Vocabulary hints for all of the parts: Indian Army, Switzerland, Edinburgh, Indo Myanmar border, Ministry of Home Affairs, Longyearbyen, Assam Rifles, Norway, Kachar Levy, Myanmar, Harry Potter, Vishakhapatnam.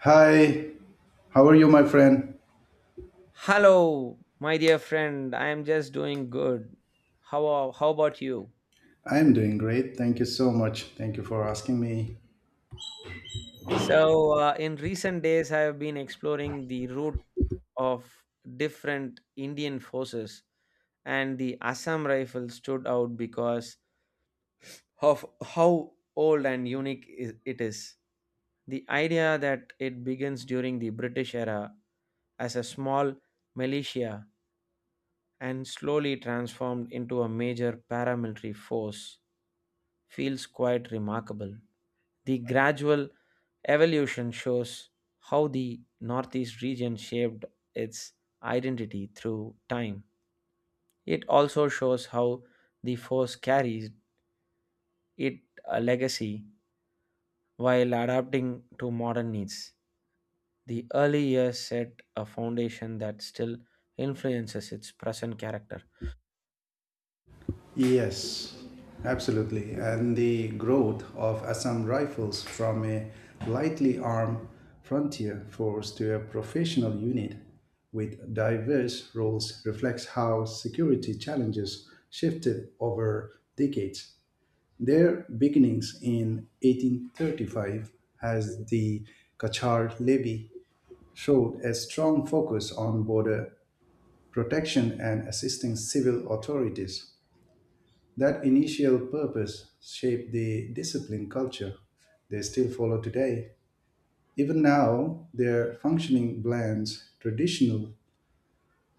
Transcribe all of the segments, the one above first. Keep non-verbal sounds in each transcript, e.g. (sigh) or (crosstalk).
Hi, how are you, my friend? Hello, my dear friend. I am just doing good. How about you? I'm doing great. Thank you so much. Thank you for asking me. In recent days, I have been exploring the route of different Indian forces, and the Assam rifle stood out because of how old and unique it is. The idea that it begins during the British era as a small militia and slowly transformed into a major paramilitary force feels quite remarkable. The gradual evolution shows how the Northeast region shaped its identity through time. It also shows how the force carries it a legacy while adapting to modern needs. The early years set a foundation that still influences its present character. Yes, absolutely. And the growth of Assam Rifles from a lightly armed frontier force to a professional unit with diverse roles reflects how security challenges shifted over decades. Their beginnings in 1835 as the Kachar Levy showed a strong focus on border protection and assisting civil authorities. That initial purpose shaped the discipline culture they still follow today. Even now, their functioning blends traditional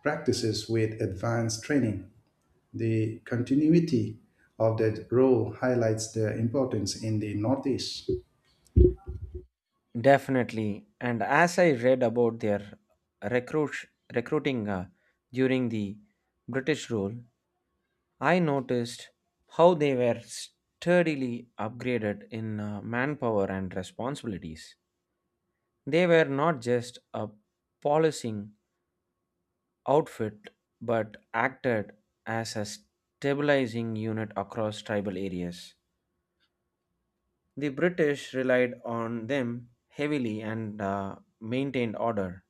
practices with advanced training. The continuity of that role highlights their importance in the Northeast. Definitely. And as I read about their recruit, recruiting during the British rule, I noticed how they were steadily upgraded in manpower and responsibilities. They were not just a policing outfit but acted as a stabilizing unit across tribal areas. The British relied on them heavily and maintained order,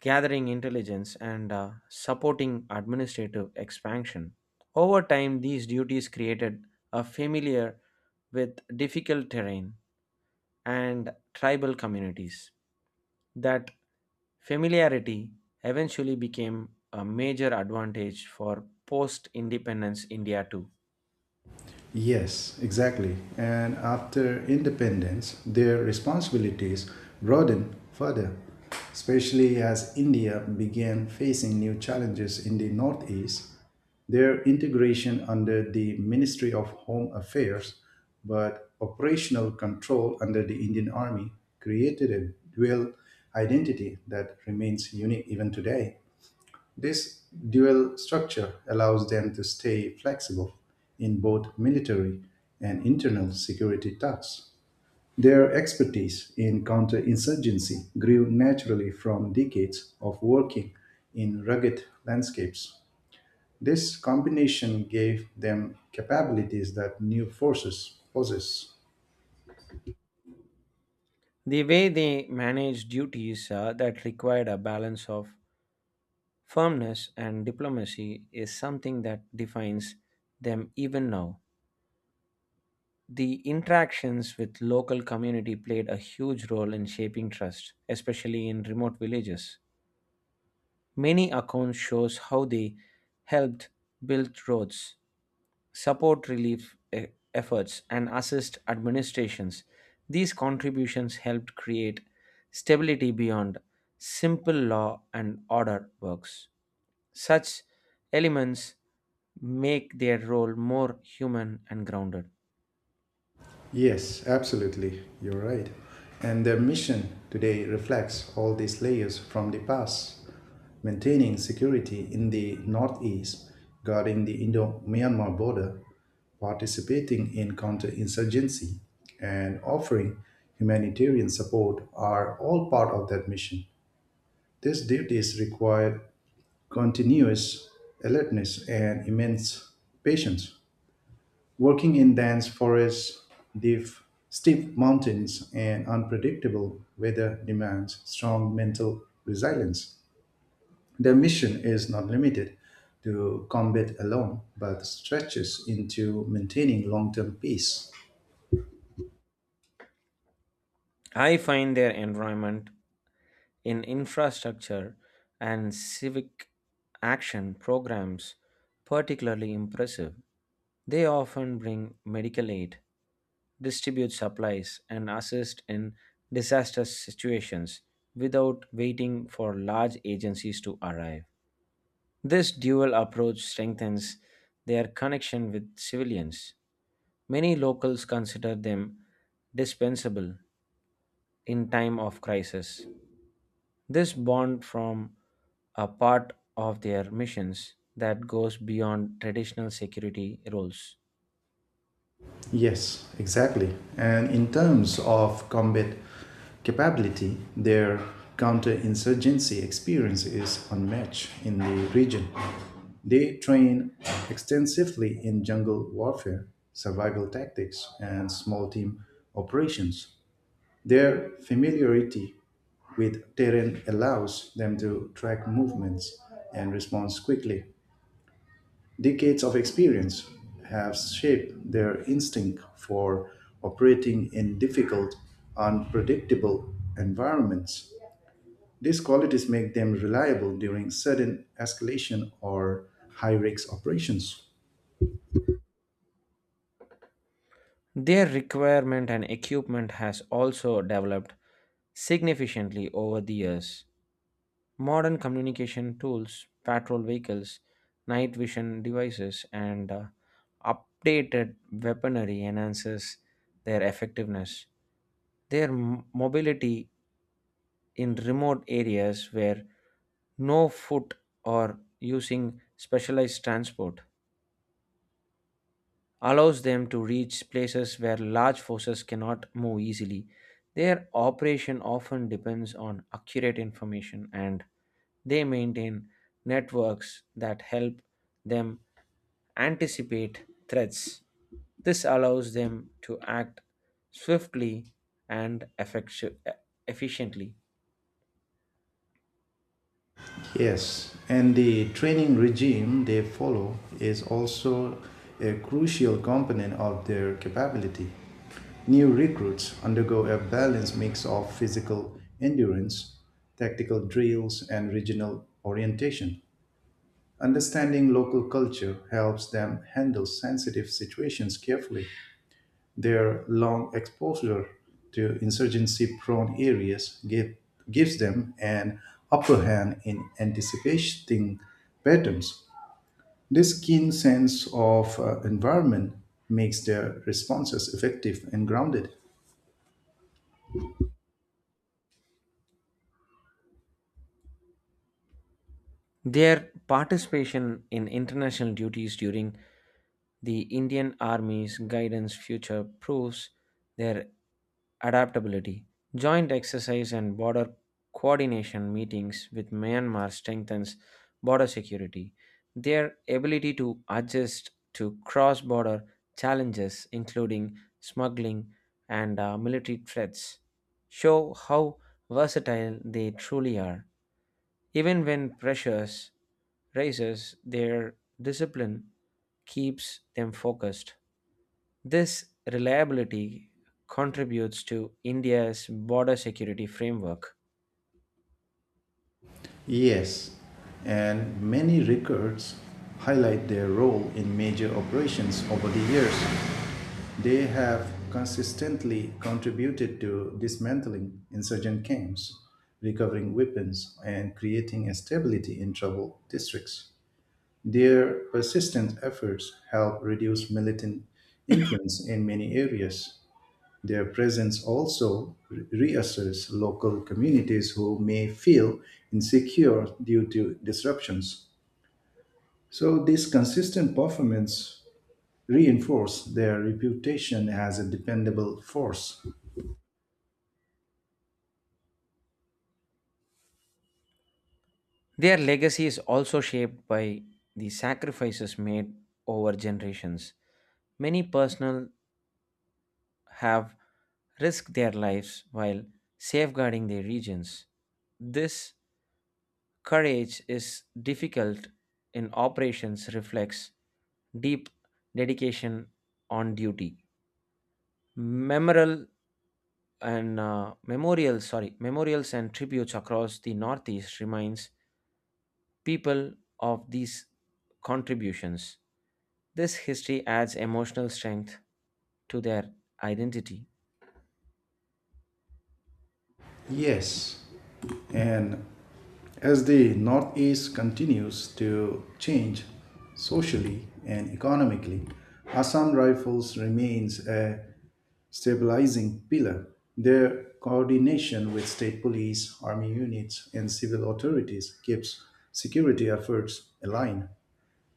gathering intelligence and supporting administrative expansion. Over time, these duties created a familiar with difficult terrain and tribal communities. That familiarity eventually became a major advantage for post independence India too. Yes, exactly. And after independence, their responsibilities broadened further, especially as India began facing new challenges in the Northeast. Their integration under the Ministry of Home Affairs, but operational control under the Indian Army, created a dual identity that remains unique even today. This dual structure allows them to stay flexible in both military and internal security tasks. Their expertise in counterinsurgency grew naturally from decades of working in rugged landscapes. This combination gave them capabilities that new forces possess. The way they managed duties that required a balance of firmness and diplomacy is something that defines them even now. The interactions with local community played a huge role in shaping trust, especially in remote villages. Many accounts shows how they helped build roads, support efforts and assist administrations. These contributions helped create stability beyond simple law and order works. Such elements make their role more human and grounded. Yes, absolutely. You're right. And their mission today reflects all these layers from the past, maintaining security in the northeast, guarding the Indo Myanmar border, participating in counterinsurgency, and offering humanitarian support are all part of that mission. These duties require continuous alertness and immense patience. Working in dense forests, deep, steep mountains, and unpredictable weather demands strong mental resilience. Their mission is not limited to combat alone, but stretches into maintaining long term peace. I find their environment in infrastructure and civic action programs particularly impressive. They often bring medical aid, distribute supplies, and assist in disaster situations without waiting for large agencies to arrive. This dual approach strengthens their connection with civilians. Many locals consider them dispensable in time of crisis. This bond from a part of their missions that goes beyond traditional security roles. Yes, exactly. And in terms of combat capability, their counterinsurgency experience is unmatched in the region. They train extensively in jungle warfare, survival tactics, and small team operations. Their familiarity with terrain allows them to track movements and respond quickly. Decades of experience have shaped their instinct for operating in difficult, unpredictable environments. These qualities make them reliable during sudden escalation or high risk operations. Their requirement and equipment has also developed significantly over the years. Modern communication tools, patrol vehicles, night vision devices, and updated weaponry enhances their effectiveness. Their mobility in remote areas where no foot or using specialized transport allows them to reach places where large forces cannot move easily. Their operation often depends on accurate information, and they maintain networks that help them anticipate threats. This allows them to act swiftly and efficiently. Yes, and the training regime they follow is also a crucial component of their capability. New recruits undergo a balanced mix of physical endurance, tactical drills, and regional orientation. Understanding local culture helps them handle sensitive situations carefully. Their long exposure to insurgency prone areas gives them an upper hand in anticipating patterns. This keen sense of environment makes their responses effective and grounded. Their participation in international duties during the Indian Army's guidance future proves their adaptability. Joint exercise and border coordination meetings with Myanmar strengthens border security. Their ability to adjust to cross border challenges, including smuggling and military threats, show how versatile they truly are. Even when pressures rises, their discipline keeps them focused. This reliability contributes to India's border security framework. Yes, and many records highlight their role in major operations over the years. They have consistently contributed to dismantling insurgent camps, recovering weapons, and creating a stability in troubled districts. Their persistent efforts help reduce militant influence in many areas. Their presence also reassures local communities who may feel insecure due to disruptions. So, this consistent performance reinforces their reputation as a dependable force. Their legacy is also shaped by the sacrifices made over generations. Many personnel have risked their lives while safeguarding their regions. This courage is difficult in operations reflects deep dedication on duty. Memorial Memorials and tributes across the northeast reminds people of these contributions. This history adds emotional strength to their identity. Yes, and as the Northeast continues to change socially and economically, Assam Rifles remains a stabilizing pillar, their coordination with state police, army units, and civil authorities keeps security efforts aligned.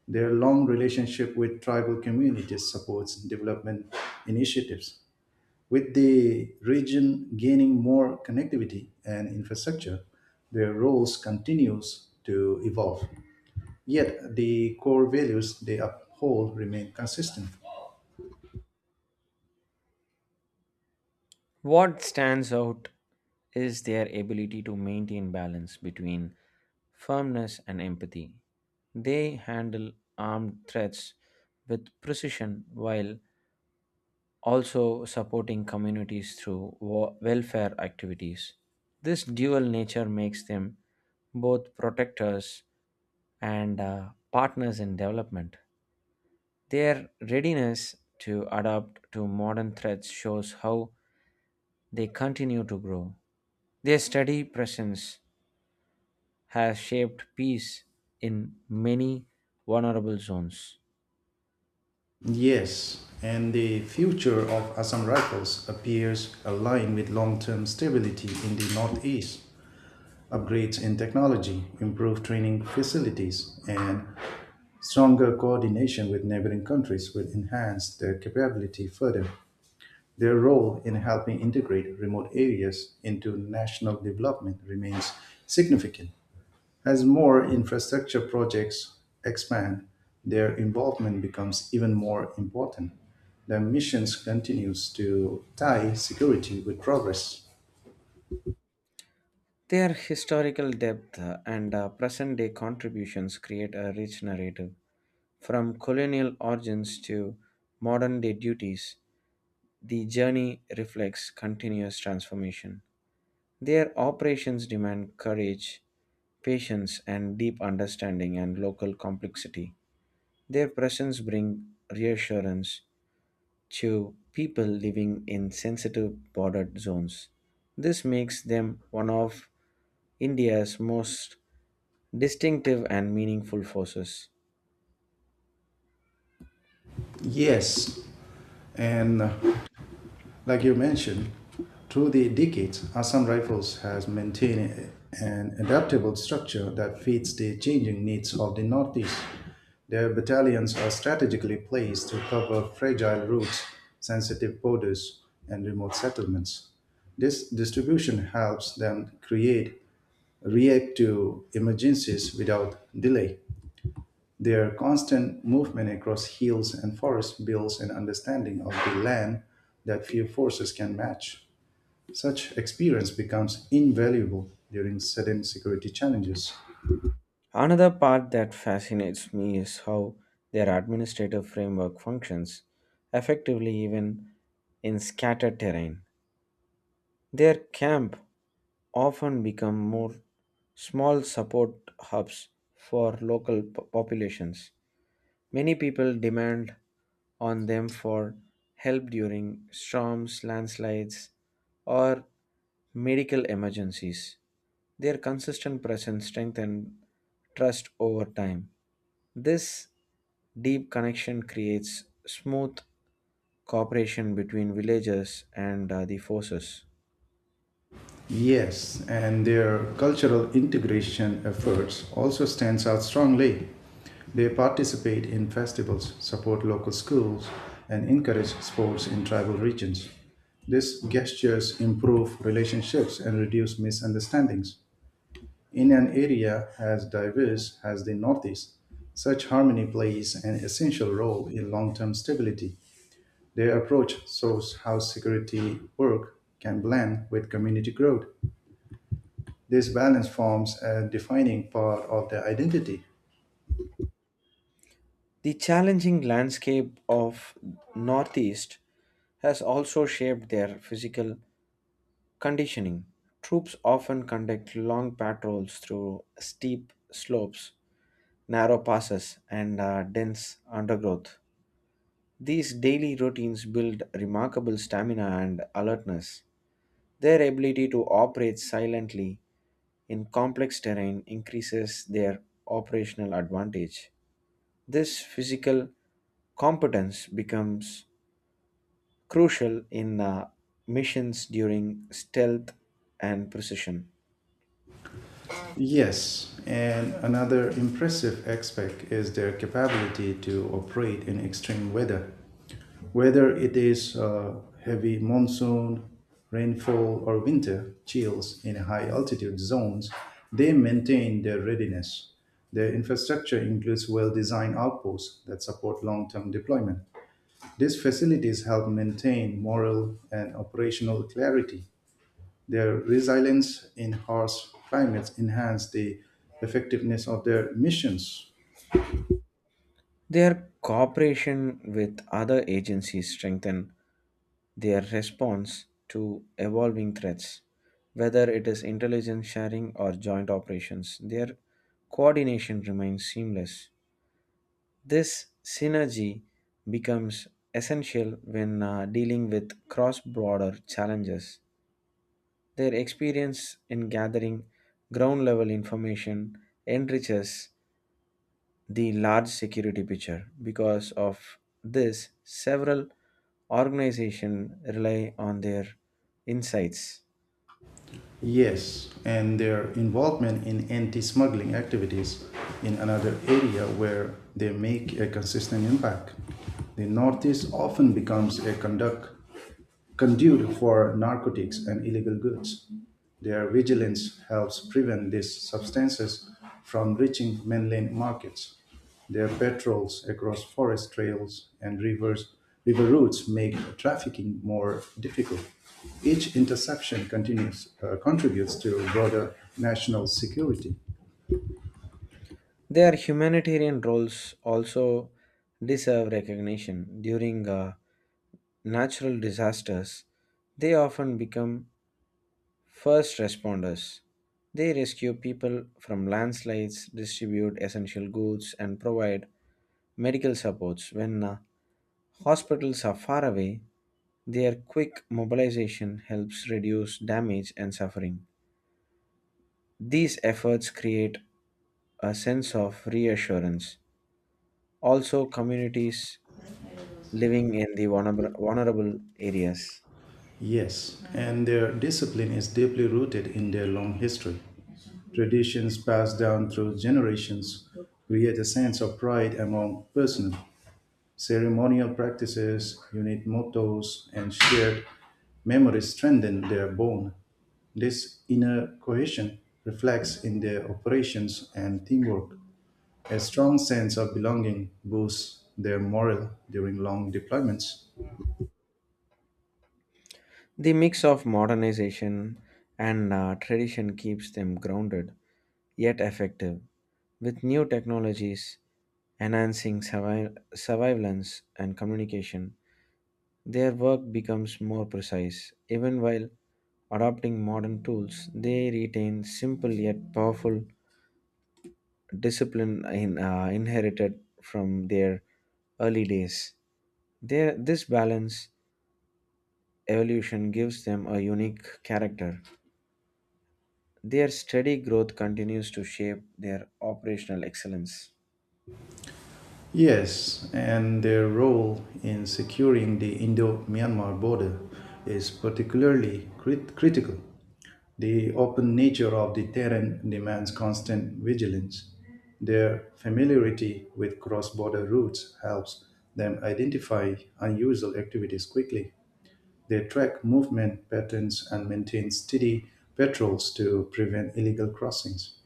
Their long relationship with tribal communities supports development initiatives. With the region gaining more connectivity and infrastructure, their roles continues to evolve. Yet the core values they uphold remain consistent. What stands out is their ability to maintain balance between firmness and empathy. They handle armed threats with precision while also supporting communities through welfare activities. This dual nature makes them both protectors and partners in development. Their readiness to adapt to modern threats shows how they continue to grow. Their steady presence has shaped peace in many vulnerable zones. Yes, and the future of Assam Rifles appears aligned with long term stability in the Northeast, upgrades in technology, improved training facilities, and stronger coordination with neighboring countries will enhance their capability further. Their role in helping integrate remote areas into national development remains significant. As more infrastructure projects expand, their involvement becomes even more important. The mission continues to tie security with progress. Their historical depth and present day contributions create a rich narrative. From colonial origins to modern-day duties, the journey reflects continuous transformation. Their operations demand courage, patience, and deep understanding and local complexity. Their presence brings reassurance to people living in sensitive bordered zones. This makes them one of India's most distinctive and meaningful forces. Yes, and like you mentioned, through the decades, Assam Rifles has maintained an adaptable structure that fits the changing needs of the Northeast. Their battalions are strategically placed to cover fragile routes, sensitive borders, and remote settlements. This distribution helps them create react to emergencies without delay. Their constant movement across hills and forests builds an understanding of the land that few forces can match. Such experience becomes invaluable during sudden security challenges. Another part that fascinates me is how their administrative framework functions effectively even in scattered terrain. Their camp often become more small support hubs for populations. Many people demand on them for help during storms, landslides, or medical emergencies. Their consistent presence strengthen trust over time. This deep connection creates smooth cooperation between villagers and the forces. Yes, and their cultural integration efforts also stands out strongly. They participate in festivals, support local schools, and encourage sports in tribal regions. These gestures improve relationships and reduce misunderstandings. In an area as diverse as the Northeast, such harmony plays an essential role in long term stability. Their approach shows how security work can blend with community growth. This balance forms a defining part of their identity. The challenging landscape of Northeast has also shaped their physical conditioning. Troops often conduct long patrols through steep slopes, narrow passes, and dense undergrowth. These daily routines build remarkable stamina and alertness. Their ability to operate silently in complex terrain increases their operational advantage. This physical competence becomes crucial in missions during stealth and precision. Yes, and another impressive aspect is their capability to operate in extreme weather. Whether it is heavy monsoon, rainfall, or winter chills in high altitude zones, they maintain their readiness. Their infrastructure includes well designed outposts that support long term deployment. These facilities help maintain moral and operational clarity their resilience in harsh climates enhance the effectiveness of their missions. Their cooperation with other agencies strengthen their response to evolving threats, whether it is intelligence sharing or joint operations. Their coordination remains seamless. This synergy becomes essential when dealing with cross border challenges. Their experience in gathering ground level information enriches the large security picture. Because of this, several organizations rely on their insights. Yes, and their involvement in anti smuggling activities in another area where they make a consistent impact. The Northeast often becomes a conduct conduit for narcotics and illegal goods. Their vigilance helps prevent these substances from reaching mainland markets. Their patrols across forest trails and rivers, river routes make trafficking more difficult. Each interception continues, contributes to broader national security. Their humanitarian roles also deserve recognition. During natural disasters, they often become first responders. They rescue people from landslides, distribute essential goods, and provide medical supports. When hospitals are far away, their quick mobilization helps reduce damage and suffering. These efforts create a sense of reassurance. Also, communities living in the vulnerable areas. Yes, and their discipline is deeply rooted in their long history. Traditions passed down through generations create a sense of pride among personnel. Ceremonial practices, unit mottos, and shared memories strengthen their bond. This inner cohesion reflects in their operations and teamwork. A strong sense of belonging boosts their morale during long deployments. The mix of modernization and tradition keeps them grounded yet effective, with new technologies enhancing surveillance and communication. Their work becomes more precise. Even while adopting modern tools, they retain simple yet powerful discipline in, inherited from their early days. This balance evolution gives them a unique character. Their steady growth continues to shape their operational excellence. Yes, and their role in securing the Indo Myanmar border is particularly critical. The open nature of the terrain demands constant vigilance. Their familiarity with cross border routes helps them identify unusual activities quickly. They track movement patterns and maintain steady patrols to prevent illegal crossings.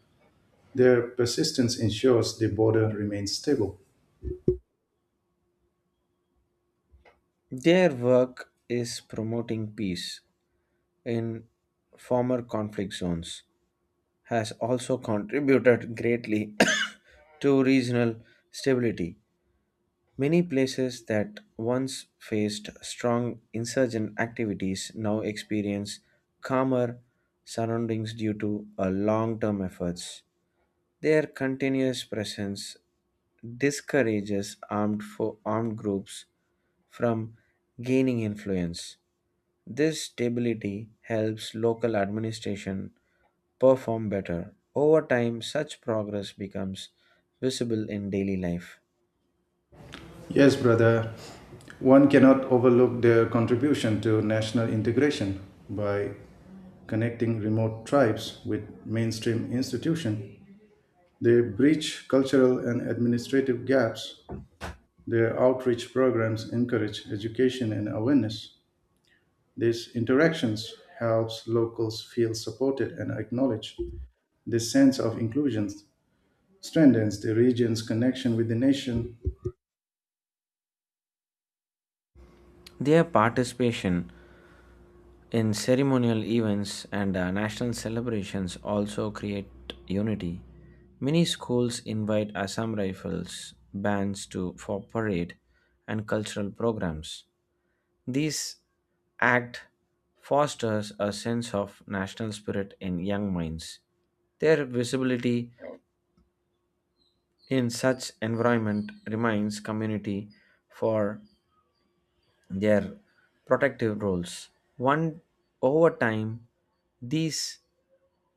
Their persistence ensures the border remains stable. Their work is promoting peace in former conflict zones has also contributed greatly (coughs) to regional stability. Many places that once faced strong insurgent activities now experience calmer surroundings due to a long-term efforts. Their continuous presence discourages armed groups from gaining influence. This stability helps local administration perform better. Over time, such progress becomes visible in daily life. Yes, brother. One cannot overlook their contribution to national integration by connecting remote tribes with mainstream institutions. They bridge cultural and administrative gaps. Their outreach programs encourage education and awareness. These interactions helps locals feel supported and acknowledged. This sense of inclusion strengthens the region's connection with the nation. Their participation in ceremonial events and national celebrations also create unity. Many schools invite Assam Rifles bands to for parade and cultural programs. These act fosters a sense of national spirit in young minds. Their visibility in such environment reminds community for their protective roles. One over time, these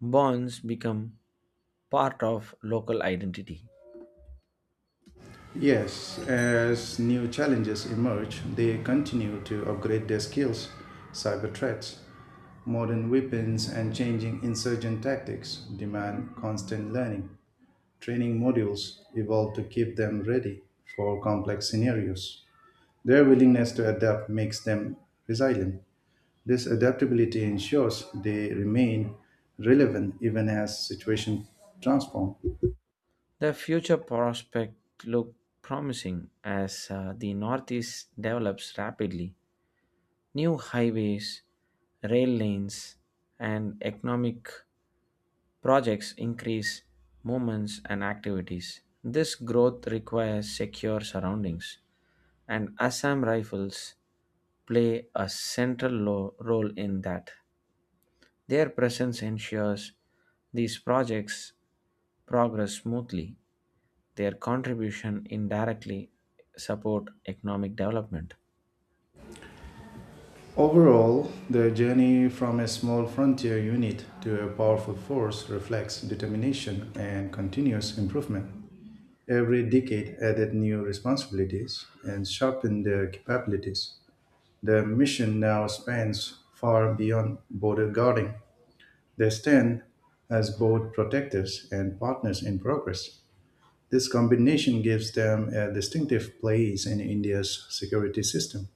bonds become part of local identity. Yes, as new challenges emerge, they continue to upgrade their skills. Cyber threats, modern weapons, and changing insurgent tactics demand constant learning. Training modules evolve to keep them ready for complex scenarios. Their willingness to adapt makes them resilient. This adaptability ensures they remain relevant even as situations transform. The future prospect look promising as the Northeast develops rapidly. New highways, rail lanes, and economic projects increase movements and activities. This growth requires secure surroundings, and Assam Rifles play a role in that. Their presence ensures these projects progress smoothly. Their contribution indirectly support economic development. Overall, the journey from a small frontier unit to a powerful force reflects determination and continuous improvement. Every decade added new responsibilities and sharpened their capabilities. Their mission now spans far beyond border guarding. They stand as both protectors and partners in progress. This combination gives them a distinctive place in India's security system.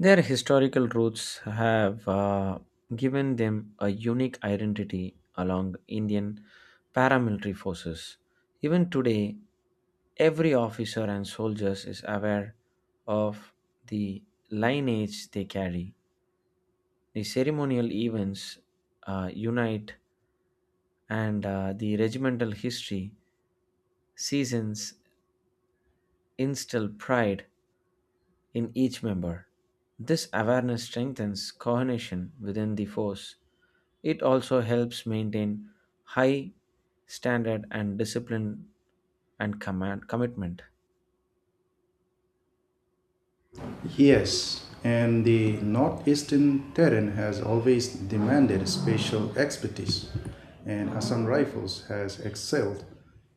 Their historical roots have given them a unique identity along Indian paramilitary forces. Even today, every officer and soldier is aware of the lineage they carry. The ceremonial events unite, and the regimental history seasons instill pride in each member. This awareness strengthens coordination within the force. It also helps maintain high standard and discipline and command commitment. Yes, and the northeastern terrain has always demanded special expertise, and Assam Rifles has excelled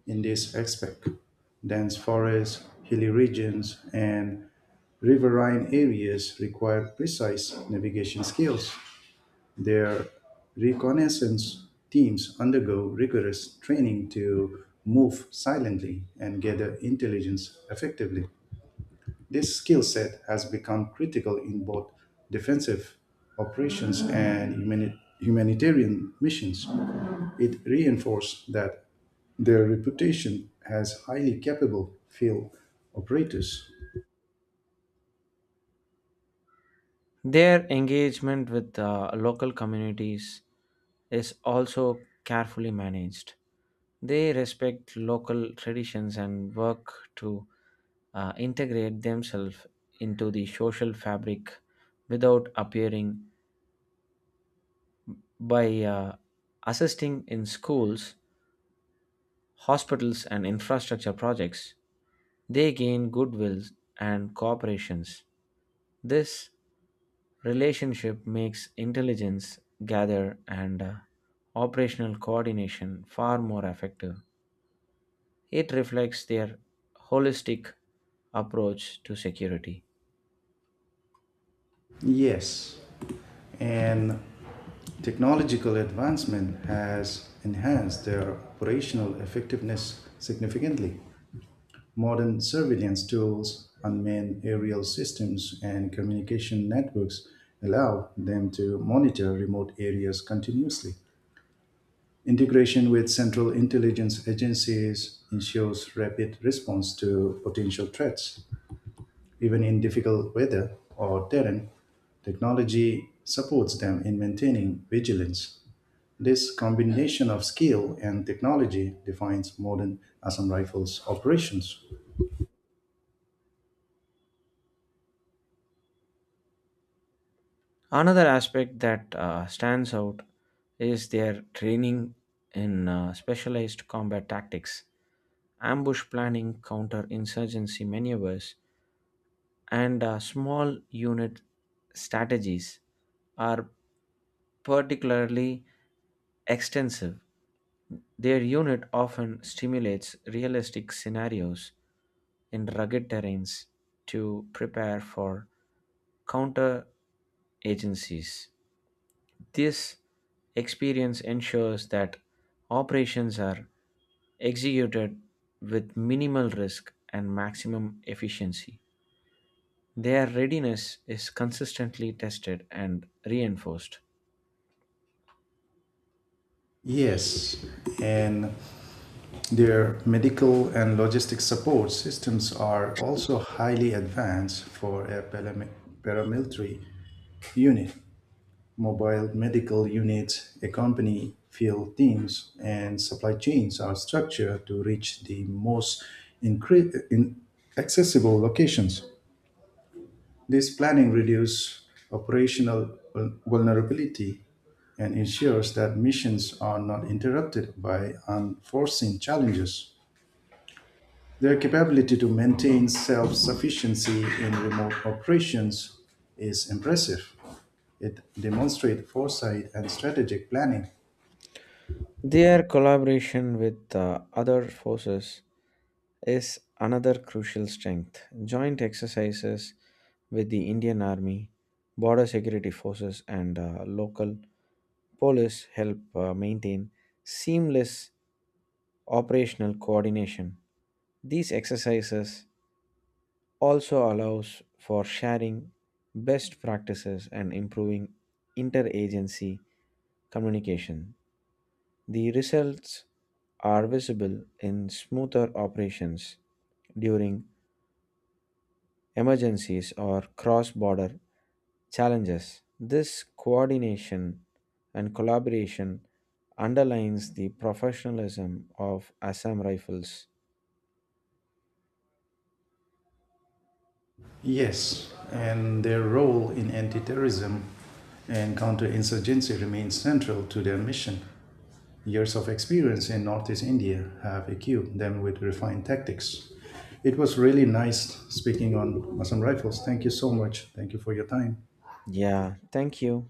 in this aspect. Dense forests, hilly regions, and riverine areas require precise navigation skills. Their reconnaissance teams undergo rigorous training to move silently and gather intelligence effectively. This skill set has become critical in both defensive operations and humanitarian missions. It reinforced that their reputation as highly capable field operators. Their engagement with local communities is also carefully managed. They respect local traditions and work to integrate themselves into the social fabric without appearing by assisting in schools, hospitals, and infrastructure projects. They gain goodwill and cooperations. This relationship makes intelligence gather and operational coordination far more effective. It reflects their holistic approach to security. Yes, and technological advancement has enhanced their operational effectiveness significantly. Modern surveillance tools, unmanned aerial systems, and communication networks allow them to monitor remote areas continuously. Integration with central intelligence agencies ensures rapid response to potential threats. Even in difficult weather or terrain, technology supports them in maintaining vigilance. This combination of skill and technology defines modern Assam Rifles operations. Another aspect that stands out is their training in specialized combat tactics. Ambush planning, counterinsurgency maneuvers, and small unit strategies are particularly extensive. Their unit often stimulates realistic scenarios in rugged terrains to prepare for counter agencies. This experience ensures that operations are executed with minimal risk and maximum efficiency. Their readiness is consistently tested and reinforced. Yes, and their medical and logistic support systems are also highly advanced for a paramilitary unit. Mobile medical units accompany field teams, and supply chains are structured to reach the most in accessible locations. This planning reduces operational vulnerability and ensures that missions are not interrupted by unforeseen challenges. Their capability to maintain self-sufficiency in remote operations is impressive. It demonstrates foresight and strategic planning. Their collaboration with other forces is another crucial strength. Joint exercises with the Indian Army, border security forces, and local police help maintain seamless operational coordination. These exercises also allows for sharing best practices and improving interagency communication. The results are visible in smoother operations during emergencies or cross border challenges. This coordination and collaboration underlines the professionalism of Assam Rifles. Yes, and their role in anti terrorism and counterinsurgency remains central to their mission. Years of experience in Northeast India have equipped them with refined tactics. It was really nice speaking on Masam Rifles. Thank you so much. Thank you for your time. Yeah, thank you.